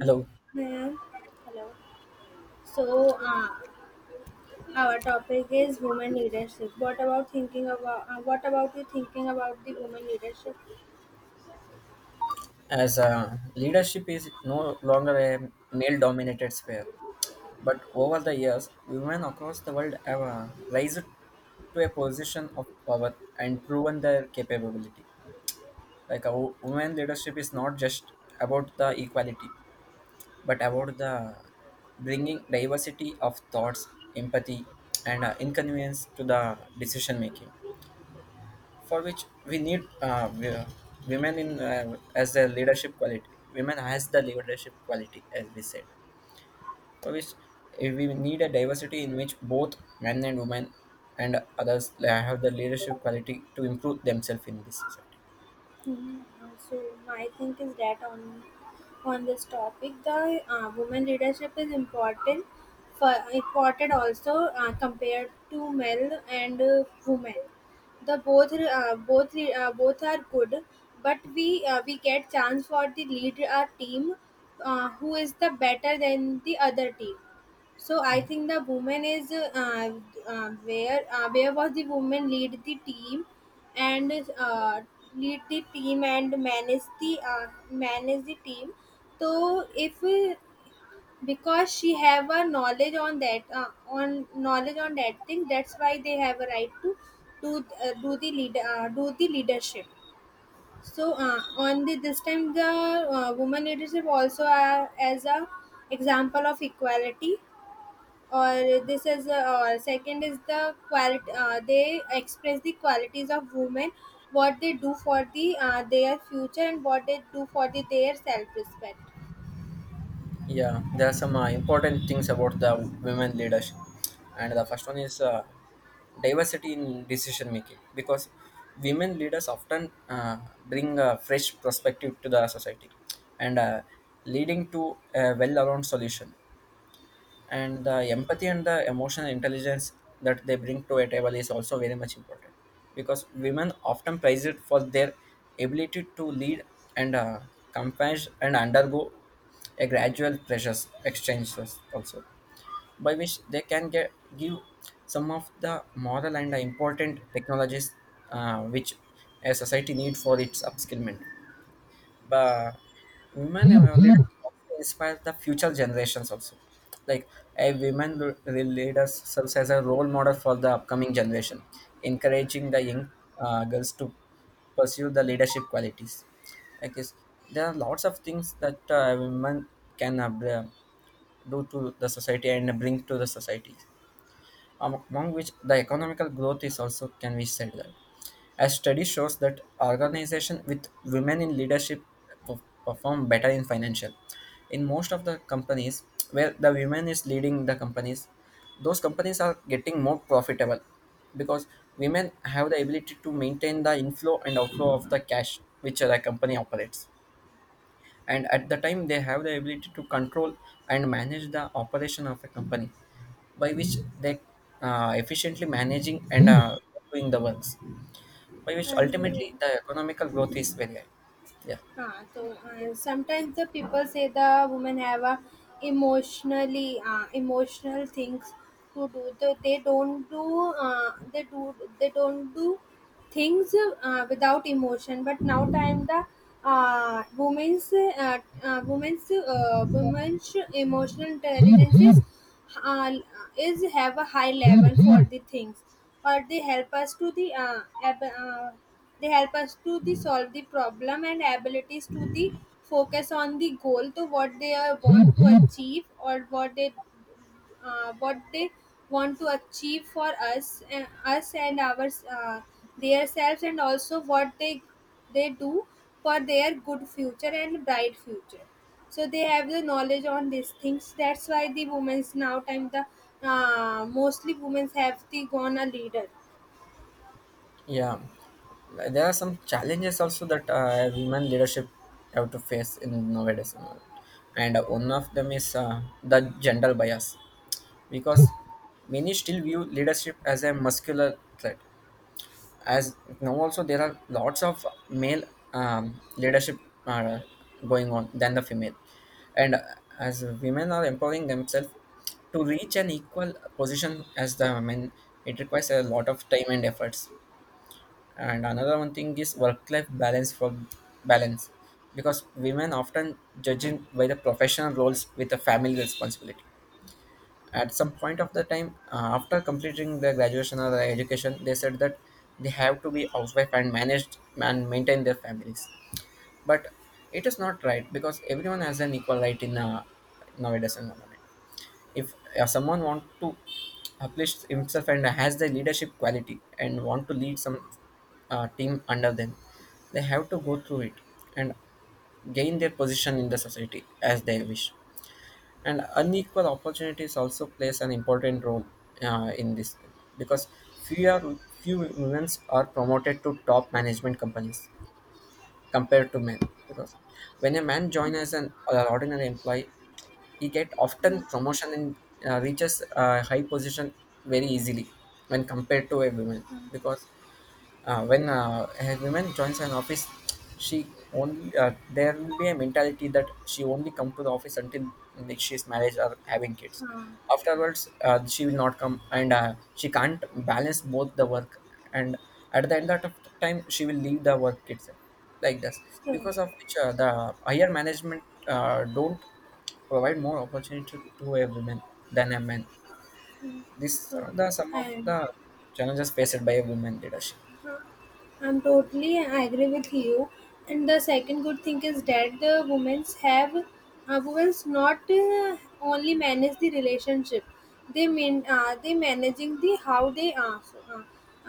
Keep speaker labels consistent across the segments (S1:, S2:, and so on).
S1: Hello.
S2: Yeah. Hello. So, our topic is women leadership. What about thinking about? What about you thinking about the women leadership?
S1: As leadership is no longer a male dominated sphere, but over the years, women across the world have raised to a position of power and proven their capability. Like women leadership is not just about the equality, but about the bringing diversity of thoughts, empathy, and inconvenience to the decision making, for which we need women in as a leadership quality. Women has the leadership quality, as we said, for which we need a diversity in which both men and women and others have the leadership quality to improve themselves in this society.
S2: Mhm. So my think is that on this topic, the women leadership is important for important also, compared to male and women. The both both are good, but we get chance for the lead our team, who is the better than the other team. So I
S1: Yeah.
S2: think the woman is where was the woman lead the team and uh, lead the team and manage the team. So if because she have a knowledge on that, on knowledge on that thing, that's why they have a right to do the leadership. So on the this time the woman leadership also, as a example of equality, or this is or second is the quality, they express the qualities of women, what they do for the their future and what they do for the their self respect,
S1: Yeah, there are some important things about the women leadership, and the first one is diversity in decision making, because women leaders often bring a fresh perspective to the society and leading to a well-rounded solution, and the empathy and the emotional intelligence that they bring to a table is also very much important because women often praise it for their ability to lead and compassion and undergo a gradual pressures exchanges also, by which they can get give some of the moral and important technologies which a society need for its upskillment. But women leaders also inspire the future generations also, like a women leaders serves as a role model for the upcoming generation, encouraging the young girls to pursue the leadership qualities. I guess there are lots of things that women can do to the society and bring to the society, among which the economical growth is also can be said that. As study shows that organization with women in leadership perform better in financial. In most of the companies where the women is leading the companies, those companies are getting more profitable because women have the ability to maintain the inflow and outflow of the cash which the company operates, and at the time they have the ability to control and manage the operation of a company, by which they efficiently managing and doing the works, by which
S2: and
S1: ultimately the economical growth is very high. Yeah.
S2: हाँ, sometimes the people say the women have a emotional things to do, so they don't do they don't do things without emotion. But now time the women's emotional intelligence is, uh, is have a high level for the things, or they help us to the solve the problem and abilities to the focus on the goal to what they are want to achieve, or what they want to achieve for us, and us and our, uh, their selves, and also what they do for their good future and bright future. So they have the knowledge on these things, that's why the women's now time the mostly women's have the gone a leader,
S1: Yeah, there are some challenges also that women leadership have to face in nowadays, and one of them is the gender bias, because many still view leadership as a muscular threat, as now also there are lots of male leadership going on than the female, and as women are empowering themselves to reach an equal position as the men, it requires a lot of time and efforts. And another one thing is work life balance for balance, because women often judging by the professional roles with the family responsibility. At some point of the time, after completing their graduation or their education, they said that they have to be housewife and managed and maintain their families. But it is not right, because everyone has an equal right in a nowadays environment. If someone want to uplift himself and has the leadership quality and want to lead some team under them, they have to go through it and gain their position in the society as they wish. And unequal opportunities also plays an important role in this, because fewer few women are promoted to top management companies compared to men, because when a man joins as an ordinary employee, he get often promotion and reaches a high position very easily when compared to a woman. Because when a woman joins an office, she only there will be a mentality that she only come to the office until, like, she's married or having kids.
S2: uh,
S1: Afterwards, she will not come and she can't balance both the work, and at the end of the time she will leave the work itself, like this,
S2: so,
S1: because of which the higher management don't provide more opportunity to a woman than a man. This
S2: so,
S1: are the some of
S2: and
S1: the challenges faced by a women leadership.
S2: I'm totally agree with you. And the second good thing is that the women's have women's not only manage the relationship, they mean they managing the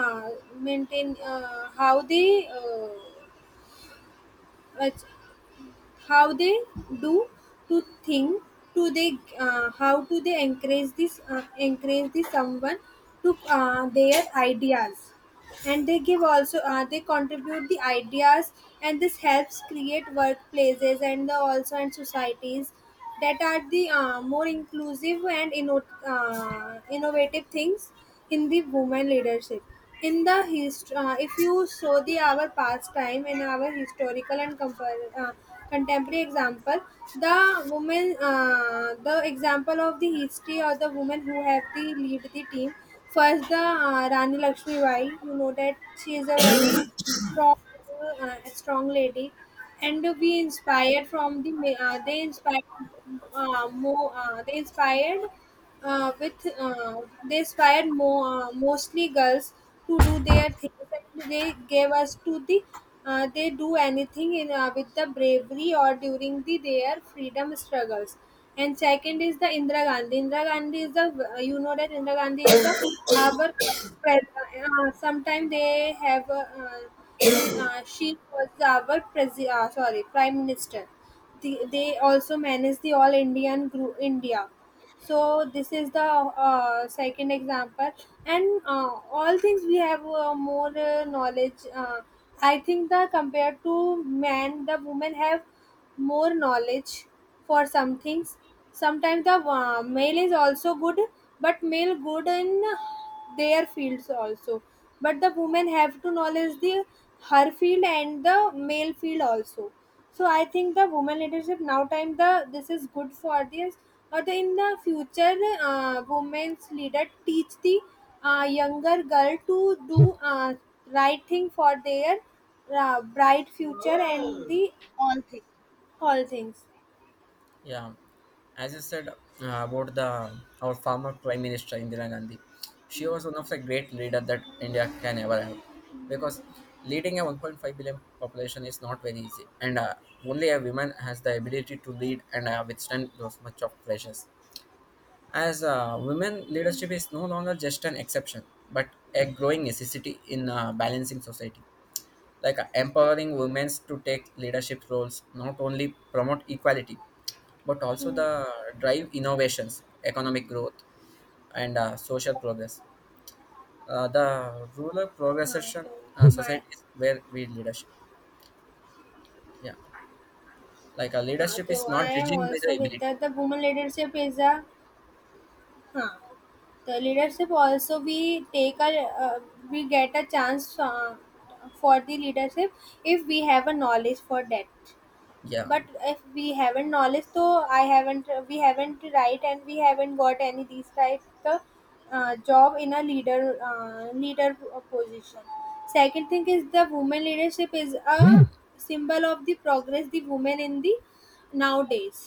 S2: uh, how ach- they do to think to they how do they encourage this, someone to their ideas, and they give also, they contribute the ideas, and this helps create workplaces and the also and societies that are the more inclusive and innovative things in the women leadership. In the if you saw the our past time in our historical and contemporary example, the woman, the example of the history or the woman who have the lead the team. First, the Rani Lakshmi Bai. You know that she is a very strong, strong lady, and we inspired from they inspired more. They inspired with they inspired mo- mostly girls to do their things, and they gave us to the they do anything in, with the bravery, or during the their freedom struggles. And second is the Indira Gandhi. Indira Gandhi is the you know that Indira Gandhi is the our sometimes they have the she was our presi- sorry prime minister. They also manage the all Indian group India. So this is the second example. And all things we have more knowledge. I think that compared to man the women have more knowledge for some things. Sometimes the male is also good, but male good in their fields also. But the women have to knowledge the her field and the male field also. So I think the women leadership now time the this is good for this or the in the future, women's leader teach the younger girl to do right thing for their bright future and the all things all things.
S1: Yeah, as you said about the our former Prime Minister Indira Gandhi, she was one of the great leader that India can ever have, because leading a 1.5 billion population is not very easy, and only a woman has the ability to lead and withstand those much of pressures. As women
S2: Hmm.
S1: leadership is no longer just an exception, but a growing necessity in balancing society, like empowering women to take leadership roles not only promote equality but also
S2: Hmm.
S1: the drive innovations economic growth and social progress, the rural
S2: हाँ,
S1: progression,
S2: तो
S1: society is where we leadership. Yeah, like a leadership is
S2: I
S1: not
S2: am
S1: judging by
S2: also
S1: the
S2: with
S1: ability.
S2: that the women leadership is a. Huh. The leadership also we take a uh, we get a chance for the leadership, if we have a knowledge for that.
S1: Yeah.
S2: But if we haven't knowledge, so I haven't we haven't right, and we haven't got any these types of job in a leader position. Second thing is the women leadership is a symbol of the progress, the women in the nowadays,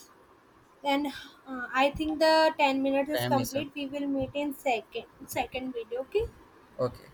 S2: then I think the 10 minutes is
S1: Time is up.
S2: complete. We will meet in second video. Okay.
S1: Okay.